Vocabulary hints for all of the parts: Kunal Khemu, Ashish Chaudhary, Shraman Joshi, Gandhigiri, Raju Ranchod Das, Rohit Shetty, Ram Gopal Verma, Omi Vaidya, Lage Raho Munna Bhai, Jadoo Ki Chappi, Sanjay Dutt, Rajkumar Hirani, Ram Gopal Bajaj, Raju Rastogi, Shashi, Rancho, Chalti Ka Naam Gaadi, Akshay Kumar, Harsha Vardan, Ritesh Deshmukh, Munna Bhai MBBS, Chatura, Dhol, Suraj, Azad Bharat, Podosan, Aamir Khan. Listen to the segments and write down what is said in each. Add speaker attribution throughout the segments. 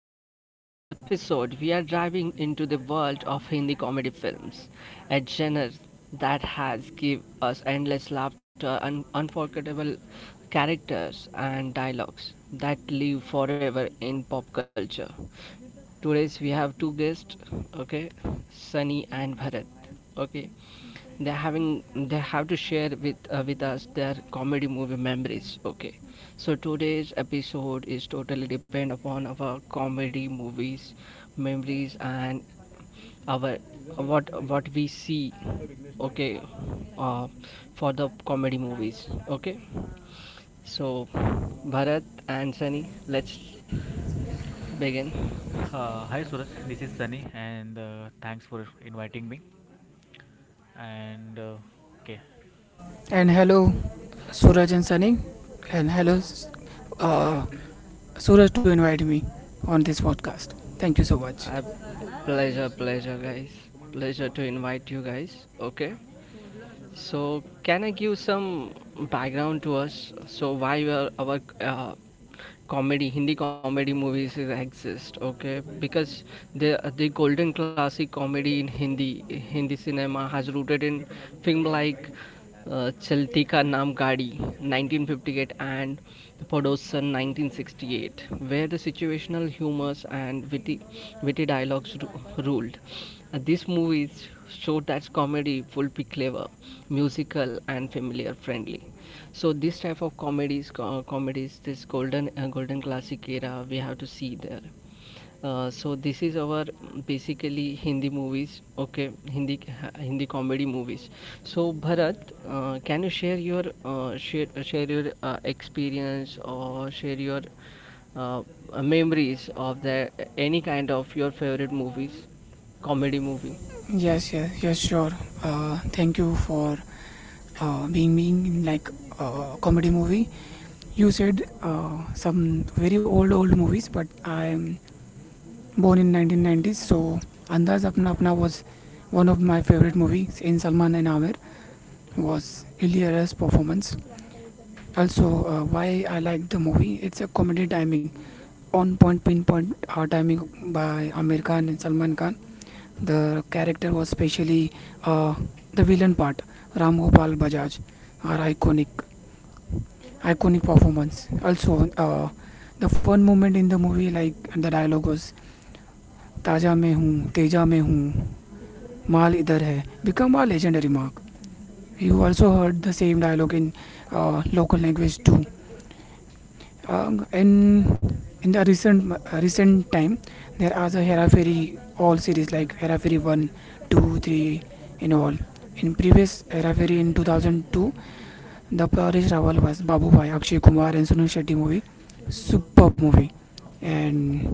Speaker 1: welcome to today's episode. We are diving into the world of Hindi comedy films, a genre that has give us endless laughter and unforgettable characters and dialogues that live forever in pop culture. Today's we have two guests, okay, Sunny and Bharat. Okay. They're having they have to share with us their comedy movie memories. Okay, so today's episode is totally depend upon our comedy movies memories and our what we see. Okay, uh, for the comedy movies. Okay, so Bharat and Sunny, let's begin.
Speaker 2: Hi Suraj, this is Sunny, and thanks for inviting me. And Okay,
Speaker 3: And hello, Suraj and Sunny. And hello, uh, Suraj, to invite me on this podcast. Thank you so much.
Speaker 1: I pleasure guys, pleasure to invite you guys. Okay, so, can I give some background to us? So, why were our comedy Hindi comedy movies is exist? Okay, because the golden classic comedy in Hindi cinema has rooted in film like Chalti Ka Naam Gaadi 1958 and Podosan 1968, where the situational humors and witty dialogues ruled. These movies showed that comedy would be clever, musical and familiar friendly, so this type of comedies, this golden classic era we have to see there. So this is our basically Hindi movies. Okay, Hindi comedy movies. So Bharat, can you share your share, share your experience, or share your uh, memories of the any kind of your favorite movies, comedy movie?
Speaker 3: Yes, yes, yes, sure. Thank you for being in like comedy movie. You said some very old movies, but I'm born in 1990s, so Andaz Apna Apna was one of my favorite movies in Salman and Amir was hilarious performance. Also, why I like the movie, it's a comedy timing on point pinpoint hard timing by Amir Khan and Salman Khan. The character was especially uh, the villain part, Ram Gopal Bajaj, are iconic, iconic performance. Also, the fun moment in the movie, like the dialogue was "Taja mein hoon, teja mein hoon, maal idhar hai," become a legendary mark. You also heard the same dialogue in local language too. In the recent time, there are the Hera Fairy all series like Hera Fairy one, two, three in all. In previous Hera Fairy in 2002, the Paresh Rawal was Babu Bhai, Akshay Kumar and Sunil Shetty movie. Super movie. And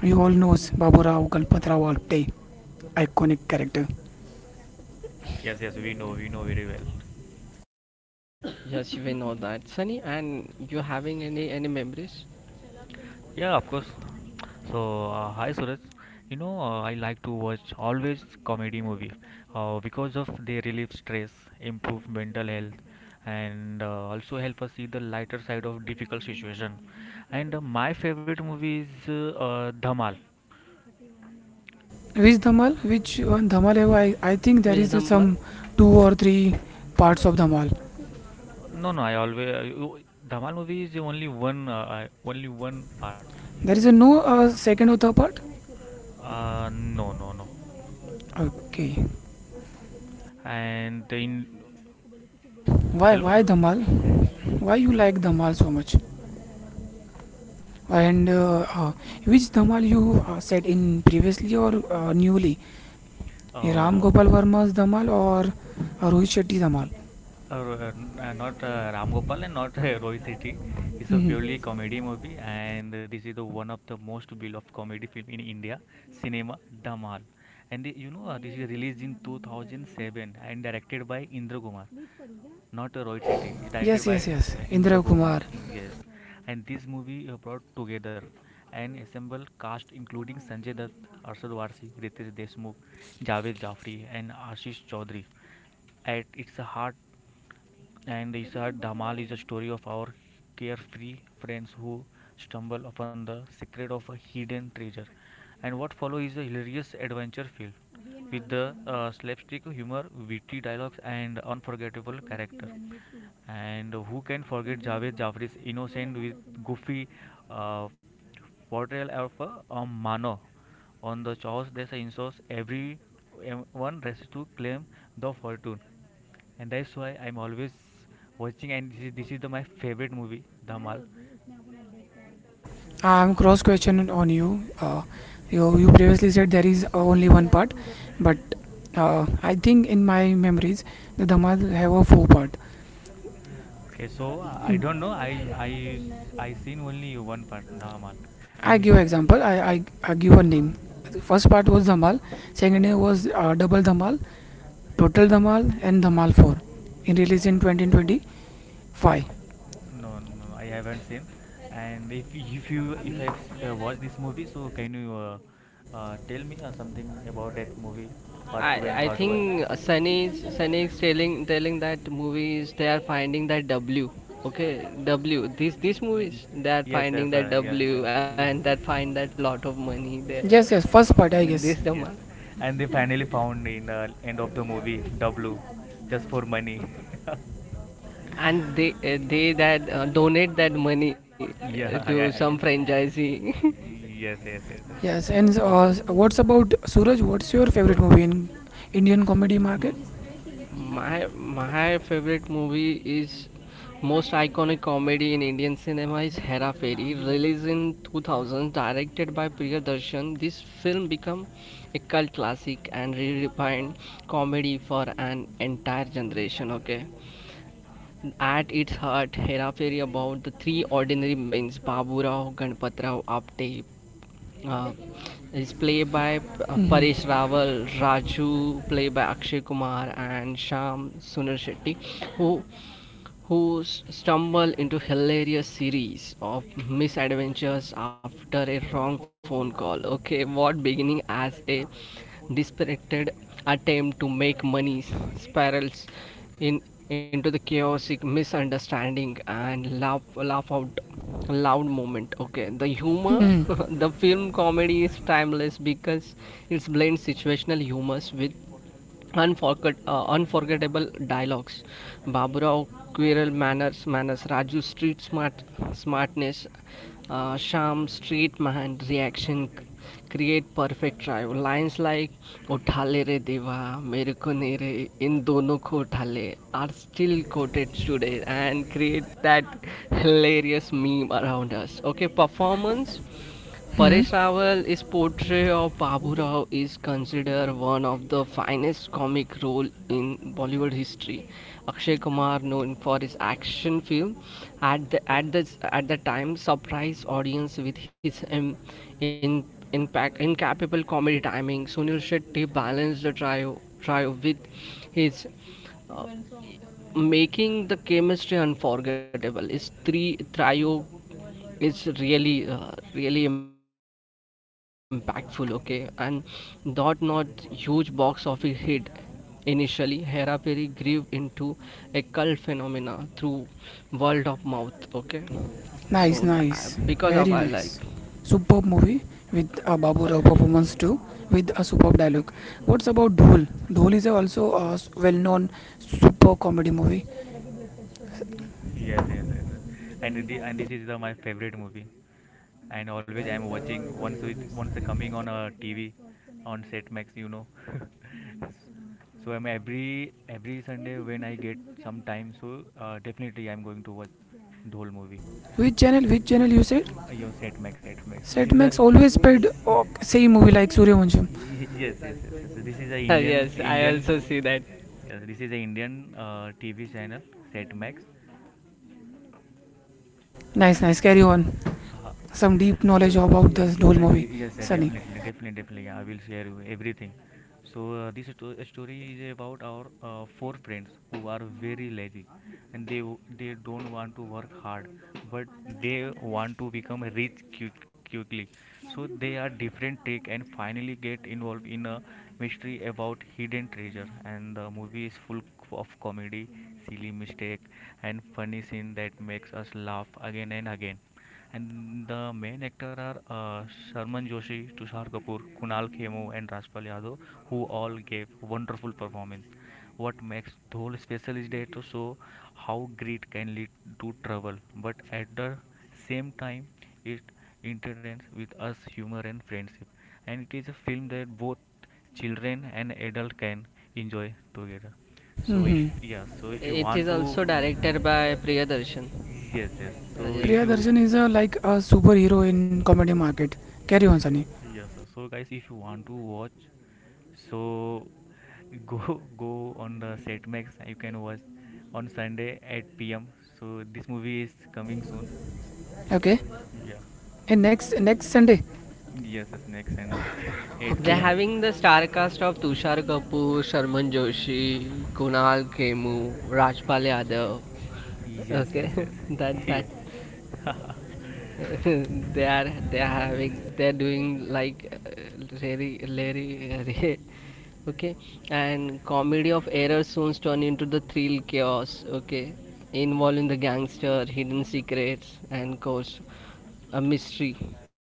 Speaker 3: you all knows Babu Rao, Kalpat Rao all play iconic character.
Speaker 2: yes, yes, we know very well.
Speaker 1: Yes, we know that, Sunny. And you having any memories
Speaker 2: Yeah, of course. So, hi Suraj. I like to watch always comedy movie because of they relieve stress, improve mental health, and also help us see the lighter side of difficult situation. And my favorite movie is Dhamal.
Speaker 3: Which Dhamal? Which one Dhamal? I think there
Speaker 1: with
Speaker 3: is a,
Speaker 1: the
Speaker 3: some
Speaker 1: month?
Speaker 3: two or three parts of Dhamal.
Speaker 2: No, no. I always, Dhamal movie is only one, only one part.
Speaker 3: There is a no second or third part?
Speaker 2: No, no, no.
Speaker 3: Okay.
Speaker 2: And in,
Speaker 3: Why
Speaker 2: hello.
Speaker 3: why Dhamal? Why you like Dhamal so much? And which Dhamal you said in previously or newly? Ram Gopal
Speaker 2: Oh.
Speaker 3: Verma's Dhamal or Rohit Shetty Dhamal?
Speaker 2: Uh, uh, Not Ram Gopal and not Roy City. It's a
Speaker 3: Hmm.
Speaker 2: purely comedy movie, and this is the one of the most beloved comedy film in India cinema, Dhamal. And the, you know this is released in 2007 and directed by Indra Kumar, not Roy City. It's directed
Speaker 3: Yes,
Speaker 2: by
Speaker 3: yes, yes.
Speaker 2: Indra
Speaker 3: Indra
Speaker 2: Kumar.
Speaker 3: Kumar.
Speaker 2: Yes, and this movie brought together an assembled cast including Sanjay Dutt, Arshad Varsi, Ritesh Deshmukh, Javed Jafri, and Ashish Chaudhary. At its heart. And they said Dhamal is a story of our carefree friends who stumble upon the secret of a hidden treasure. And what follows is a hilarious adventure filled with the slapstick humor, witty dialogues, and unforgettable character. And who can forget Javed Jafri's innocent with goofy uh, portrayal of a mano on the chores that say in source everyone races to claim the fortune, and that's why I'm always watching. And this is my favorite movie, Dhamal.
Speaker 3: I am cross questioning on you. You previously said there is only one part, but I think in my memories the Dhamal have a four part.
Speaker 2: Okay, so I don't know. I seen only one part, Dhamal,
Speaker 3: I
Speaker 2: and it's,
Speaker 3: give example. I give a name. The first part was Dhamal. Second name was double Dhamal, total Dhamal, and Dhamal 4. In release in 2025.
Speaker 2: no, no, no, I haven't seen. And if watched this movie, so can you tell me something about that movie, part
Speaker 1: I
Speaker 2: two and
Speaker 1: I
Speaker 2: part one?
Speaker 1: think, Sunny is telling that movies they are finding that W. Okay, W. These
Speaker 2: Mm,
Speaker 1: movies, they are
Speaker 2: yes,
Speaker 1: finding
Speaker 2: yes,
Speaker 1: that
Speaker 2: yes,
Speaker 1: W,
Speaker 2: yes,
Speaker 1: and
Speaker 2: yeah.
Speaker 1: that find that lot of money there.
Speaker 3: Yes, yes. First part, I
Speaker 2: Yeah,
Speaker 1: This the
Speaker 3: guess.
Speaker 1: month.
Speaker 2: yes. And they finally found in the end of the movie W, just for money.
Speaker 1: And they that, donate that money, to
Speaker 2: Yeah,
Speaker 1: some
Speaker 2: yeah, yeah.
Speaker 1: franchisee.
Speaker 2: Yes, yes, yes, yes.
Speaker 3: Yes. And
Speaker 2: Oh,
Speaker 3: what's about Suraj? What's your favorite movie in Indian comedy market?
Speaker 1: My favorite movie is most iconic comedy in Indian cinema is Hera Fairy, released in 2000, directed by Priyadarshan. This film became a cult classic and redefined comedy for an entire generation. Okay, at its heart, Hera Fairy about the three ordinary men, Babu Rao, Ganpat Rao, Apte, uh, is played by Paresh Rawal, Raju played by Akshay Kumar, and Sham Sunar Shetty, who who stumble into hilarious series of misadventures after a wrong phone call. Okay, what beginning as a dispirited attempt to make money spirals in into the chaotic misunderstanding and laugh out loud moment. Okay, the humor.
Speaker 3: Hmm.
Speaker 1: The film comedy is timeless because it blends situational humors with unforgettable dialogues. Baburao Quresh's Raju's street smart smartness, Shyam's streetman reaction create perfect trio. Lines like उठा ले रे देवा मेरे को नहीं रे इन दोनों को उठा ले are still quoted today and create that hilarious meme around us. Okay, performance.
Speaker 3: Hmm.
Speaker 1: Paresh Rawal's portrayal of Babu Rao is considered one of the finest comic role in Bollywood history. Akshay Kumar, known for his action film, at the time surprised audience with his in impact incapable comedy timing. Sunil Shetty balanced the trio with his, uh, making the chemistry unforgettable. Is three trio is really impactful. Okay, and dot not huge box office hit initially, Hera Peri grew into a cult phenomena through word of mouth. Okay, so
Speaker 3: Nice,
Speaker 1: because
Speaker 3: nice.
Speaker 1: of I like.
Speaker 3: Very nice. Superb movie with a Babu Rao performance too, with a superb dialogue. What's about Dhol? Dhol is also a well known super comedy movie.
Speaker 2: yes, yes, yes, yes. And this is my favorite movie. And always I'm watching once with once coming on a TV, on Setmax. So I'm every Sunday when I get some time, so definitely I'm going to watch the whole movie.
Speaker 3: Which channel? Which channel you said?
Speaker 2: Yo, set max, set max. This is a,
Speaker 3: Setmax always played
Speaker 2: y-
Speaker 3: oh, same movie like Suryavansham.
Speaker 2: yes, yes, yes, yes. This is a
Speaker 1: Yes,
Speaker 2: Indian
Speaker 1: I also
Speaker 2: Indian.
Speaker 1: see that.
Speaker 2: Yes, this is a Indian TV channel, set max.
Speaker 3: Nice, nice. Carry on.
Speaker 2: हाँ, हाँ.
Speaker 3: Some deep knowledge about
Speaker 2: Yes,
Speaker 3: the whole movie.
Speaker 2: yes,
Speaker 3: Sunny.
Speaker 2: definitely, definitely, definitely. I will share you everything. So this story is about our four friends who are very lazy, and they don't want to work hard, but they want to become rich quickly. So they are different take and finally get involved in a mystery about hidden treasure. And the movie is full of comedy, silly mistake, and funny scene that makes us laugh again and again. And the main actors are Sharman Joshi, Tushar Kapoor, Kunal Khemu, and Rajpal Yadav, who all gave wonderful performance. What makes Dhol special is that to show how greed can lead to trouble, but at the same time, it entertains with us humor and friendship. And it is a film that both children and adults can enjoy together. So if,
Speaker 3: Mm-hmm.
Speaker 2: yeah, so if you
Speaker 1: It
Speaker 2: want
Speaker 1: is
Speaker 2: to,
Speaker 1: also directed by Priyadarshan.
Speaker 2: yes, yes. So
Speaker 1: Yes.
Speaker 2: if
Speaker 3: Priya
Speaker 2: you.
Speaker 3: Darshan is a, like a superhero in comedy market. Carry on, Sunny.
Speaker 2: Yes, sir. So guys, if you want to watch, so go on the Setmax. You can watch on Sunday at PM. So this movie is coming soon.
Speaker 3: Okay.
Speaker 2: Yeah.
Speaker 3: And next Sunday.
Speaker 2: Yes, yes. Next Sunday, 8
Speaker 1: They're
Speaker 3: Okay.
Speaker 2: PM.
Speaker 1: having the star cast of Tushar Kapoor, Sharman Joshi, Kunal Khemu, Rajpal Yadav.
Speaker 2: Yes, yes,
Speaker 1: Okay.
Speaker 2: yes.
Speaker 1: that
Speaker 2: Yeah.
Speaker 1: that they are having they're doing like, Larry Ray. Okay, and comedy of error soon turn into the thrill chaos. Okay, involving the gangster, hidden secrets, and course a mystery.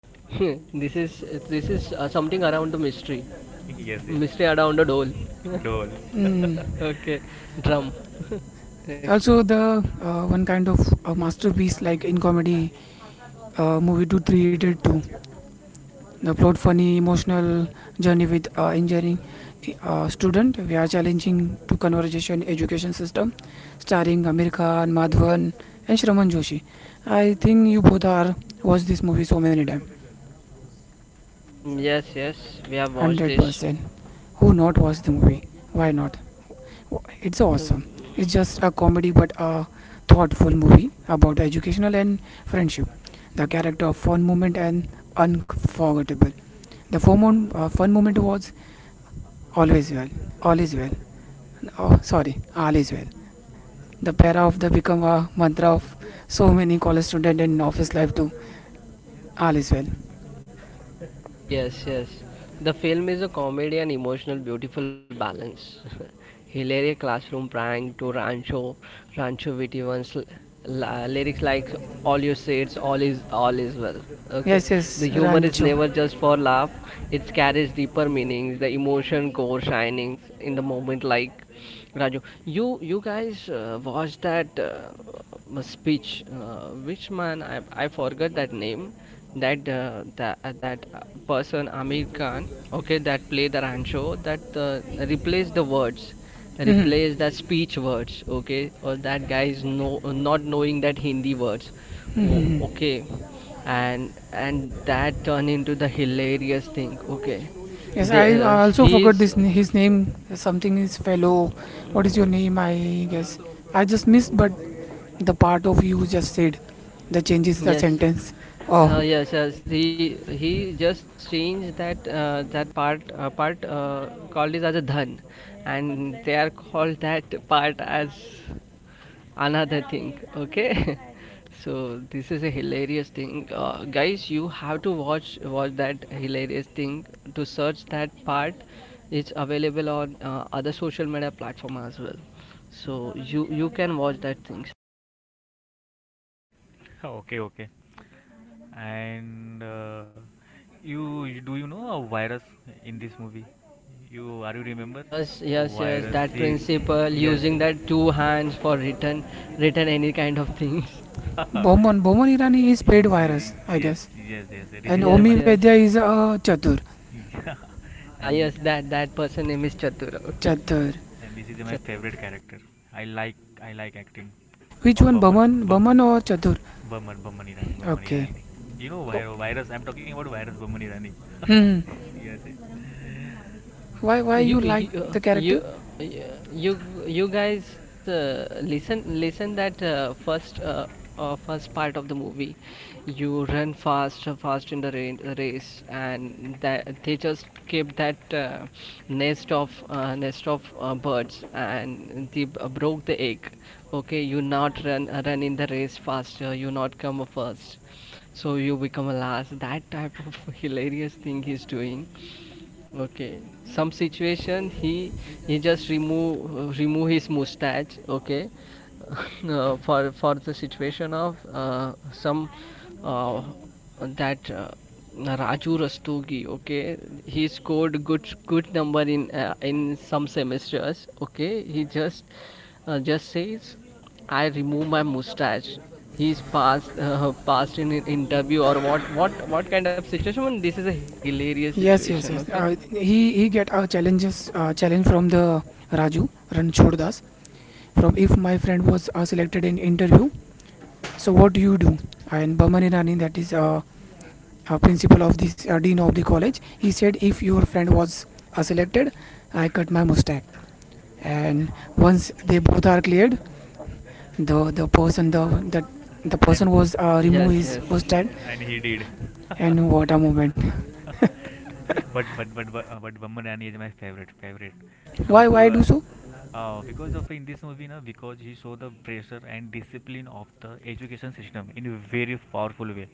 Speaker 1: This is, something around the mystery.
Speaker 2: Yes, yes.
Speaker 1: Mystery around the doll.
Speaker 2: Doll.
Speaker 3: Mm.
Speaker 1: Okay, drum.
Speaker 3: Also the one kind of masterpiece like in comedy movie to 3 2. The plot funny emotional journey with engineering student. We are challenging to conversation education system, starring Amir Khan, Madhavan, and Shraman Joshi. I think you both are watched this movie so many times,
Speaker 1: Yes, yes, we have watched
Speaker 3: hundred
Speaker 1: this.
Speaker 3: percent. Who not watch the movie? Why not? It's awesome.
Speaker 1: Um,
Speaker 3: It's just a comedy but a thoughtful movie about educational and friendship. The character of fun moment and unforgettable. The fun moment was Always well. All is well. Oh, sorry. All is well. The para of the become a mantra of so many college student and office life too. All is well.
Speaker 1: yes, yes. The film is a comedy and emotional, beautiful balance. Hilarious classroom prank to Rancho, Vitivan's lyrics like, "All you say, it's all is well." Okay,
Speaker 3: Yes,
Speaker 1: the
Speaker 3: yes.
Speaker 1: humor is
Speaker 3: Rancho.
Speaker 1: never just for laugh. It carries deeper meanings. The emotion core shining in the moment, like Raju. You guys, watched that, speech? Which man? I forgot that name. That, person Amir Khan. Okay, that play the Rancho. That,
Speaker 3: Hmm.
Speaker 1: replace that speech words. Okay, or that guy is no not knowing that Hindi words.
Speaker 3: Hmm.
Speaker 1: Okay, and that turn into the hilarious thing. Okay,
Speaker 3: Yes, I
Speaker 1: they
Speaker 3: I also
Speaker 1: he
Speaker 3: forgot
Speaker 1: is.
Speaker 3: this his name. Something is fellow. What is your name? I guess I just missed, but the part of you just said that changes the
Speaker 1: Yes.
Speaker 3: sentence. Oh,
Speaker 1: Yes, yes. The He just changed that, that part part called it as a dhan, and they are called that part as another thing. Okay, so this is a hilarious thing, guys. You have to watch that hilarious thing to search that part. It's available on, other social media platform as well, so you can watch that thing.
Speaker 2: Okay, okay. And do you know a virus in this movie? You remember?
Speaker 1: Yes, yes, yes.
Speaker 2: Virus.
Speaker 1: That
Speaker 2: He,
Speaker 1: principle,
Speaker 2: yes.
Speaker 1: using that two hands for written any kind of things.
Speaker 3: Bomon Bomon Irani is paid
Speaker 2: Yes,
Speaker 3: virus, I
Speaker 2: yes,
Speaker 3: guess,
Speaker 2: yes, yes. This
Speaker 3: and
Speaker 2: is my.
Speaker 1: Yes,
Speaker 3: Omi
Speaker 1: yes.
Speaker 3: Vedya is a chatur.
Speaker 2: Yeah.
Speaker 1: Ah,
Speaker 2: and
Speaker 1: yes. That person name is Chatura. Okay.
Speaker 3: Chatur.
Speaker 2: and this is my
Speaker 1: So,
Speaker 2: favorite character. I like i like acting
Speaker 3: Which
Speaker 2: of
Speaker 3: one,
Speaker 2: Bummer
Speaker 3: Baman,
Speaker 2: Bum
Speaker 3: Baman or Chatur?
Speaker 2: Bummer Bummer Irani Bummer
Speaker 3: Okay.
Speaker 2: Irani You know,
Speaker 3: Oh,
Speaker 2: virus, I'm talking about virus Bummer Irani.
Speaker 3: hmm.
Speaker 2: Yes, yes.
Speaker 3: Why you
Speaker 1: you you
Speaker 3: like
Speaker 1: uh,
Speaker 3: the
Speaker 1: you
Speaker 3: character?
Speaker 1: uh, you you guys listen that, first part of the movie, you run fast in the race, and that they just kept that, nest of, birds, and they broke the egg. Okay, you not run in the race faster, you not come a first, so you become a last. That type of hilarious thing he's doing. Okay, some situation, he just remove his mustache. Okay, for the situation of, some uh, that Raju Rastogi. Okay, he scored good number in some semesters. Okay, he just says, I remove my mustache. He's passed, passed in an interview, or what kind of situation? This is a hilarious situation.
Speaker 3: Yes,
Speaker 1: Okay.
Speaker 3: yes, yes. He get a challenge from the Raju Ranchod Das from if my friend was selected in interview. So what do you do? And Baman Irani, that is principal of this dean of the college, he said if your friend was selected, I cut my mustache. And once they both are cleared, the the person the the the
Speaker 2: and
Speaker 3: person was remove
Speaker 1: Yes,
Speaker 3: his
Speaker 1: yes,
Speaker 3: mustache.
Speaker 2: and he did.
Speaker 3: And what a moment!
Speaker 2: But Bammadani is my favorite, favorite, and
Speaker 3: Why I
Speaker 2: also.
Speaker 3: do so?
Speaker 2: Because of in this movie, na, because he show the pressure and discipline of the education system in a very powerful way,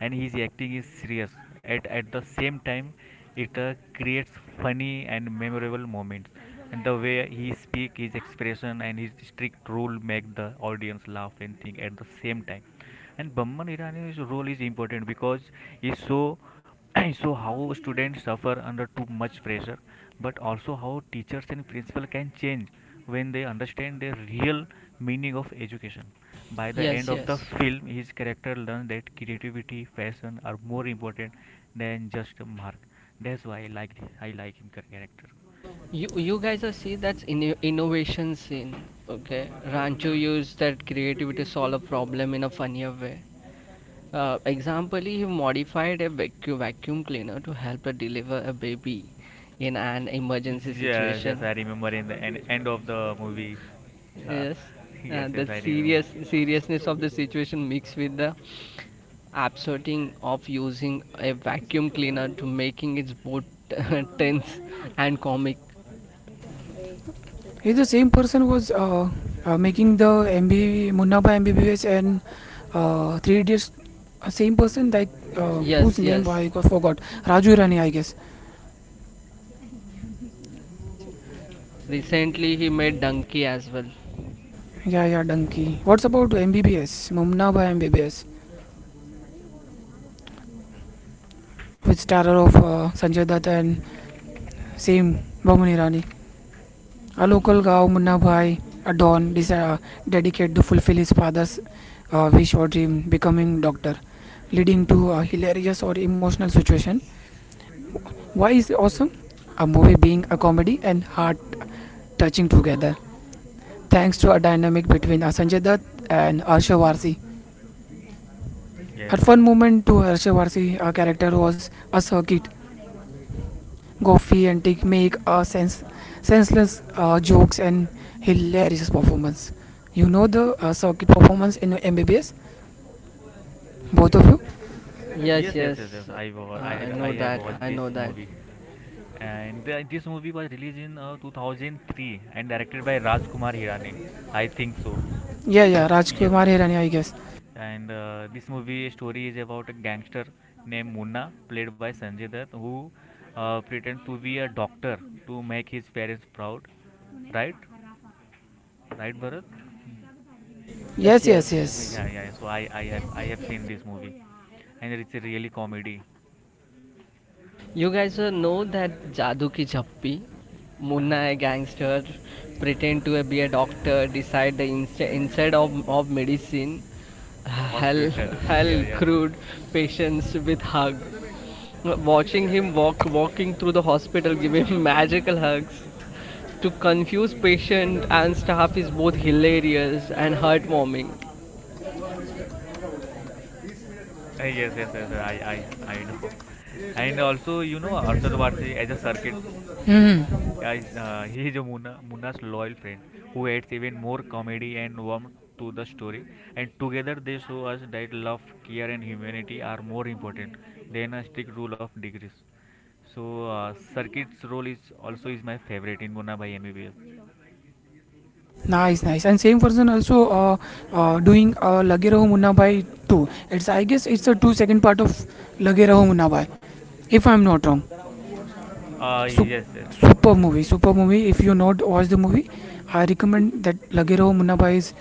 Speaker 2: and his acting is serious. At the same time, it creates funny and memorable moments, and the way he speak, his expression, and his strict rule make the audience laugh and think at the same time. And Bamman Irani's role is important because he show he show how students suffer under too much pressure, but also how teachers and principal can change when they understand the real meaning of education. By the
Speaker 1: yes,
Speaker 2: end of the
Speaker 1: yes.
Speaker 2: film, his character learns that creativity, passion are more important than just a mark. That's why I like him, character.
Speaker 1: You guys are see that's in innovation scene. Okay, Rancho used that creativity to solve a problem in a funnier way. Example, he modified a vacuum cleaner to help her deliver a baby in an emergency
Speaker 2: Yes,
Speaker 1: situation.
Speaker 2: yes, I remember in the end of the movie.
Speaker 1: Yes,
Speaker 2: Yes,
Speaker 1: the
Speaker 2: yes, I remember.
Speaker 1: seriousness of the situation mixed with the absurding of using a vacuum cleaner, to making it both tense and comic.
Speaker 3: He's the same person who was making the MBB Munna Munnaba MBBS and Three Idiots. Same person like whose
Speaker 1: Yes,
Speaker 3: name I
Speaker 1: yes.
Speaker 3: got forgot. Raju Rani, I guess.
Speaker 1: Recently, he made Donkey as well.
Speaker 3: Yeah, yeah, donkey. What's about MBBS? Munna Mumnaba MBBS with starrer of Sanjay Dutt and same Bamuni Rani. A local Gao Munna Bhai, a don desi- dedicated to fulfill his father's wish or dream, becoming doctor, leading to a hilarious or emotional situation. Why is it awesome? A movie being a comedy and heart touching together, thanks to a dynamic between Sanjay Dutt and Harsha Varsi. A
Speaker 2: Yes,
Speaker 3: fun
Speaker 2: yes.
Speaker 3: moment to Harsha Varsi, a character was a circuit Goffey and Tig make a sense, senseless jokes and hilarious performance. You know the circuit performance in MBBS, both of you.
Speaker 1: Yes,
Speaker 2: Yes, yes, yes, yes.
Speaker 1: yes.
Speaker 2: I
Speaker 1: I
Speaker 2: wa-
Speaker 1: know
Speaker 2: I
Speaker 1: that.
Speaker 2: have
Speaker 1: I know
Speaker 2: watched
Speaker 1: that.
Speaker 2: this movie, and this movie was released in 2003 and directed by Rajkumar Hirani. I think so.
Speaker 3: Yeah,
Speaker 2: If
Speaker 3: yeah,
Speaker 2: Yeah,
Speaker 3: Rajkumar Hirani, I guess.
Speaker 2: and this movie story is about a gangster named Munna, played by Sanjay Dutt, who pretends to be a doctor to make his parents proud. Right, right, Bharat.
Speaker 1: Yes,
Speaker 3: Yes, yes,
Speaker 1: yes.
Speaker 3: yes.
Speaker 2: Yeah, yeah, yeah. So I have seen this movie, and it's a really comedy.
Speaker 1: You guys, know that Jadoo Ki Chappi, Munna a gangster, pretend to, be a doctor, decide the inside of medicine, hell,
Speaker 2: Hospital, yeah,
Speaker 1: hell,
Speaker 2: yeah.
Speaker 1: crude patients with hug. Watching him walking through the hospital, giving magical hugs, to confuse patient and staff, is both hilarious and heartwarming.
Speaker 2: Yes, yes, yes. I do. And also, Arshad Varsi as a circuit,
Speaker 3: Hmm.
Speaker 2: he is Muna's loyal friend who adds even more comedy and warmth to the story. And together, they show us that love, care, and humanity are more important than a strict rule of degrees. So, Circuit's role is also is my favorite in Muna by MBBS.
Speaker 3: Nice, nice. And same person also doing Lage Raho Munna Bhai two. It's I guess it's the two second part of Lage Raho Munna Bhai, if I'm not wrong. Sup-
Speaker 2: Yes, yes.
Speaker 3: Super movie, super movie. If you not watch the movie, I recommend that Lage Raho Munna Bhai is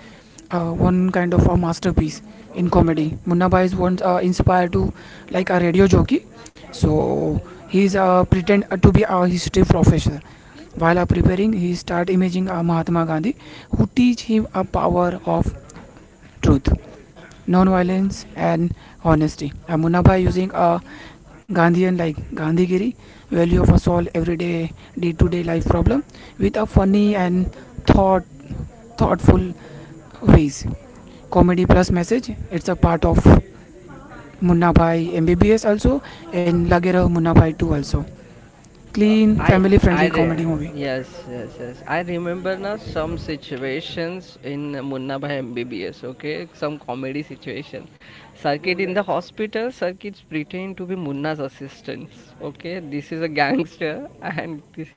Speaker 3: one kind of a masterpiece in comedy. Munna Bhai is once inspired to like a radio jockey, so he is pretend to be a history professor. While preparing, he start imaging Mahatma Gandhi, who teach him a power of truth, non-violence, and honesty. Munna Bhai using a Gandhian like Gandhigiri value of a solve everyday day-to-day life problem with a funny and thought thoughtful ways. Comedy plus message, it's a part of Munna Bhai MBBS also, and Lage Raho Munna Bhai 2 also.
Speaker 1: Uh,
Speaker 3: Clean
Speaker 1: I,
Speaker 3: family
Speaker 1: I,
Speaker 3: friendly
Speaker 1: re-
Speaker 3: comedy movie.
Speaker 1: yes, yes, yes. I remember now some situations in Munna Bhai MBBS. Okay, some comedy situation. Circuit in the hospital. Circuits pretend to be Munna's assistants. Okay, this is a gangster, and this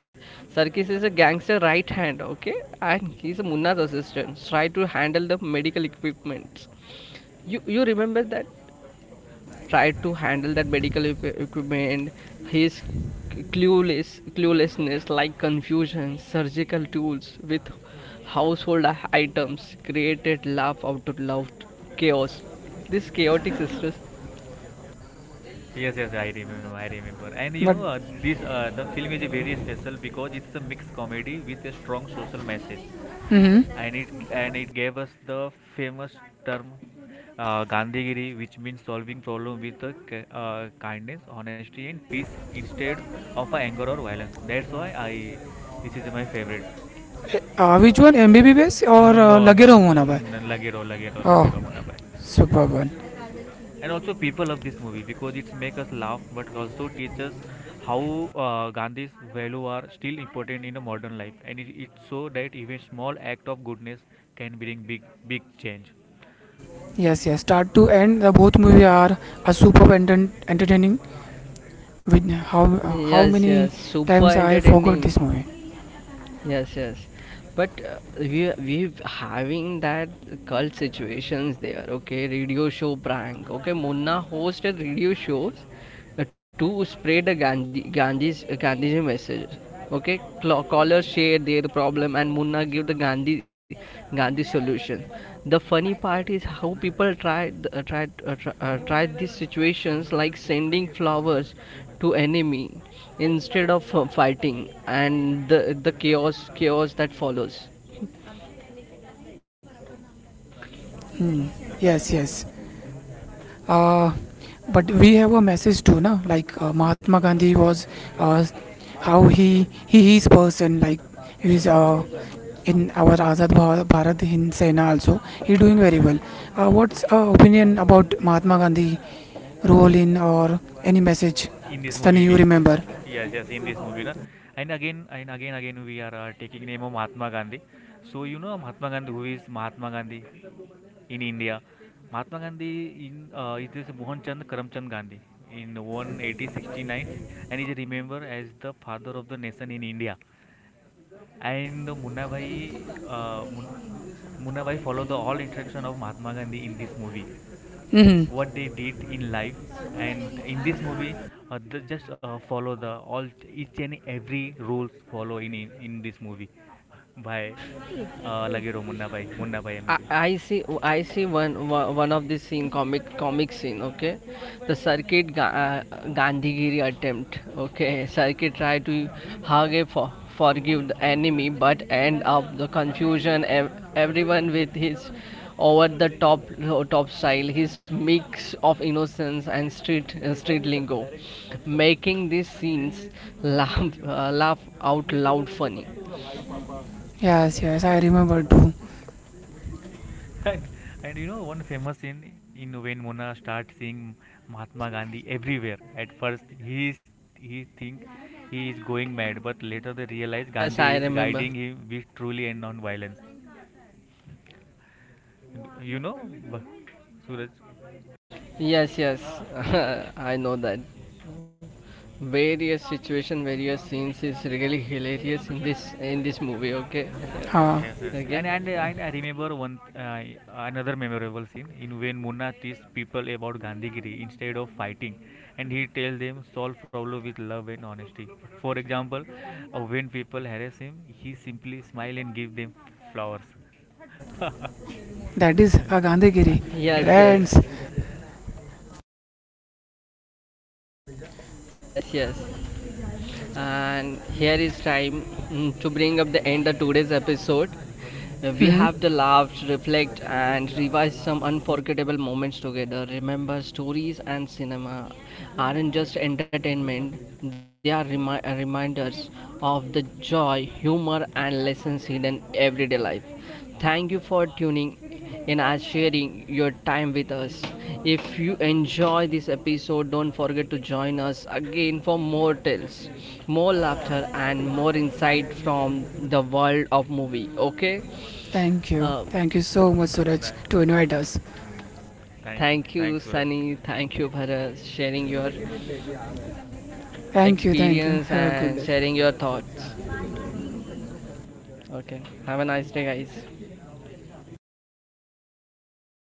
Speaker 1: Circus is a gangster right hand. Okay, and he's a Munna's assistant. Try to handle the medical equipment. You remember that? Tried to handle that medical equipment, his cluelessness, like confusion surgical tools with household items, created laugh out loud chaos. This chaotic system,
Speaker 2: Yes, yes, I remember, I remember. And you
Speaker 3: But
Speaker 2: know, this the film is very special because it's a mixed comedy with a strong social message,
Speaker 3: mm-hmm.
Speaker 2: and it gave us the famous term Gandhigiri, which means solving problem with kindness, honesty, and peace instead of anger or violence. That's why I this is my favorite.
Speaker 3: Which one, MBBS, or
Speaker 2: No,
Speaker 3: Lage
Speaker 2: no,
Speaker 3: Raho
Speaker 2: no,
Speaker 3: Munna Bhai?
Speaker 2: no, Lage Raho, Lage Raho, Lage
Speaker 3: Oh.
Speaker 2: Raho, bhai.
Speaker 3: Superb one.
Speaker 2: And also, people love this movie because it make us laugh but also teach us how Gandhi's value are still important in a modern life, and it's so that even small act of goodness can bring big big change
Speaker 3: Yes, yes. Start to end, the both movie are a superb entertaining with how
Speaker 1: yes,
Speaker 3: many
Speaker 1: yes, super
Speaker 3: times I forgot
Speaker 1: entertaining.
Speaker 3: this movie.
Speaker 1: Yes, yes. But, we having that cult situations there. Okay, radio show prank. Okay, Munna hosted radio shows, to spread the Gandhiji messages. Okay, callers share their problem and Munna give the Gandhi solution. The funny part is how people tried these situations, like sending flowers to enemy instead of, fighting, and the chaos that follows.
Speaker 3: Hmm. Yes, yes, uh, but we have a message too, na? Like Mahatma Gandhi was uh, how he is person like he is in our Azad Bharat Hind Sena also. He doing very well. What's opinion about Mahatma Gandhi role in or any message?
Speaker 2: in this
Speaker 3: Sunny, you
Speaker 2: movie.
Speaker 3: remember?
Speaker 2: Yes, yes, in this movie, na. And again, again, we are taking name of Mahatma Gandhi. So you know Mahatma Gandhi, who is Mahatma Gandhi in India? Mahatma Gandhi, in it is Mohan Chand Karamchand Gandhi in 1869, and is remembered as the father of the nation in India. And Munna Bhai, Munna Bhai follow the all instruction of Mahatma Gandhi in this movie.
Speaker 3: Hmm.
Speaker 2: What they did in life, and in this movie, th- just follow the all each and every rules follow in this movie by Lagero Munna Bhai, Munna Bhai MBBS.
Speaker 1: I see one of the scene, comic scene, okay, the circuit Gandhigiri attempt. Okay, circuit try to hug a forgive the enemy, but end up the confusion everyone with his over the top style. His mix of innocence and street lingo, making these scenes laugh out loud funny.
Speaker 3: Yes, yes, I remember too.
Speaker 2: and, and one famous scene in, when Munna starts seeing Mahatma Gandhi everywhere. At first, he is he think he is going mad, but later they realize
Speaker 1: Yes,
Speaker 2: Gandhi
Speaker 1: I
Speaker 2: is
Speaker 1: remember.
Speaker 2: guiding him with truly and non violence. You know, Suraj.
Speaker 1: Yes, yes, I know that. Various situation, various scenes is really hilarious in this movie. Okay,
Speaker 3: Ha,
Speaker 2: Yes, yes,
Speaker 1: okay.
Speaker 2: and
Speaker 1: Uh,
Speaker 2: I remember one another memorable scene in, when Munna teaches people about Gandhigiri instead of fighting, and he tells them solve problem with love and honesty. For example, when people harass him, he simply smile and give them flowers. Yeah,
Speaker 3: that is a Gandhigiri.
Speaker 1: yes, yes,
Speaker 2: yeah.
Speaker 3: Friends.
Speaker 1: yes, yes. And here is time, to bring up the end of today's episode. We
Speaker 3: Hmm.
Speaker 1: have the laughed, reflect and revise some unforgettable moments together. Remember, stories and cinema aren't just entertainment, they are reminders of the joy, humor and lessons hidden everyday life. Thank you for tuning in and sharing your time with us. If you enjoy this episode, don't forget to join us again for more tales, more laughter, and more insight from the world of movie. Okay?
Speaker 3: Thank you.
Speaker 1: Uh,
Speaker 3: Thank you so much,
Speaker 2: Mm,
Speaker 3: Suraj, to invite us.
Speaker 2: Thank you,
Speaker 1: Thank you,
Speaker 2: thanks Suraj.
Speaker 1: Sunny. Thank you, Bharat, sharing your
Speaker 3: Thank you, thank you.
Speaker 1: experience
Speaker 3: Have a good
Speaker 1: and
Speaker 3: day.
Speaker 1: sharing your thoughts. Okay. Have a nice day, guys.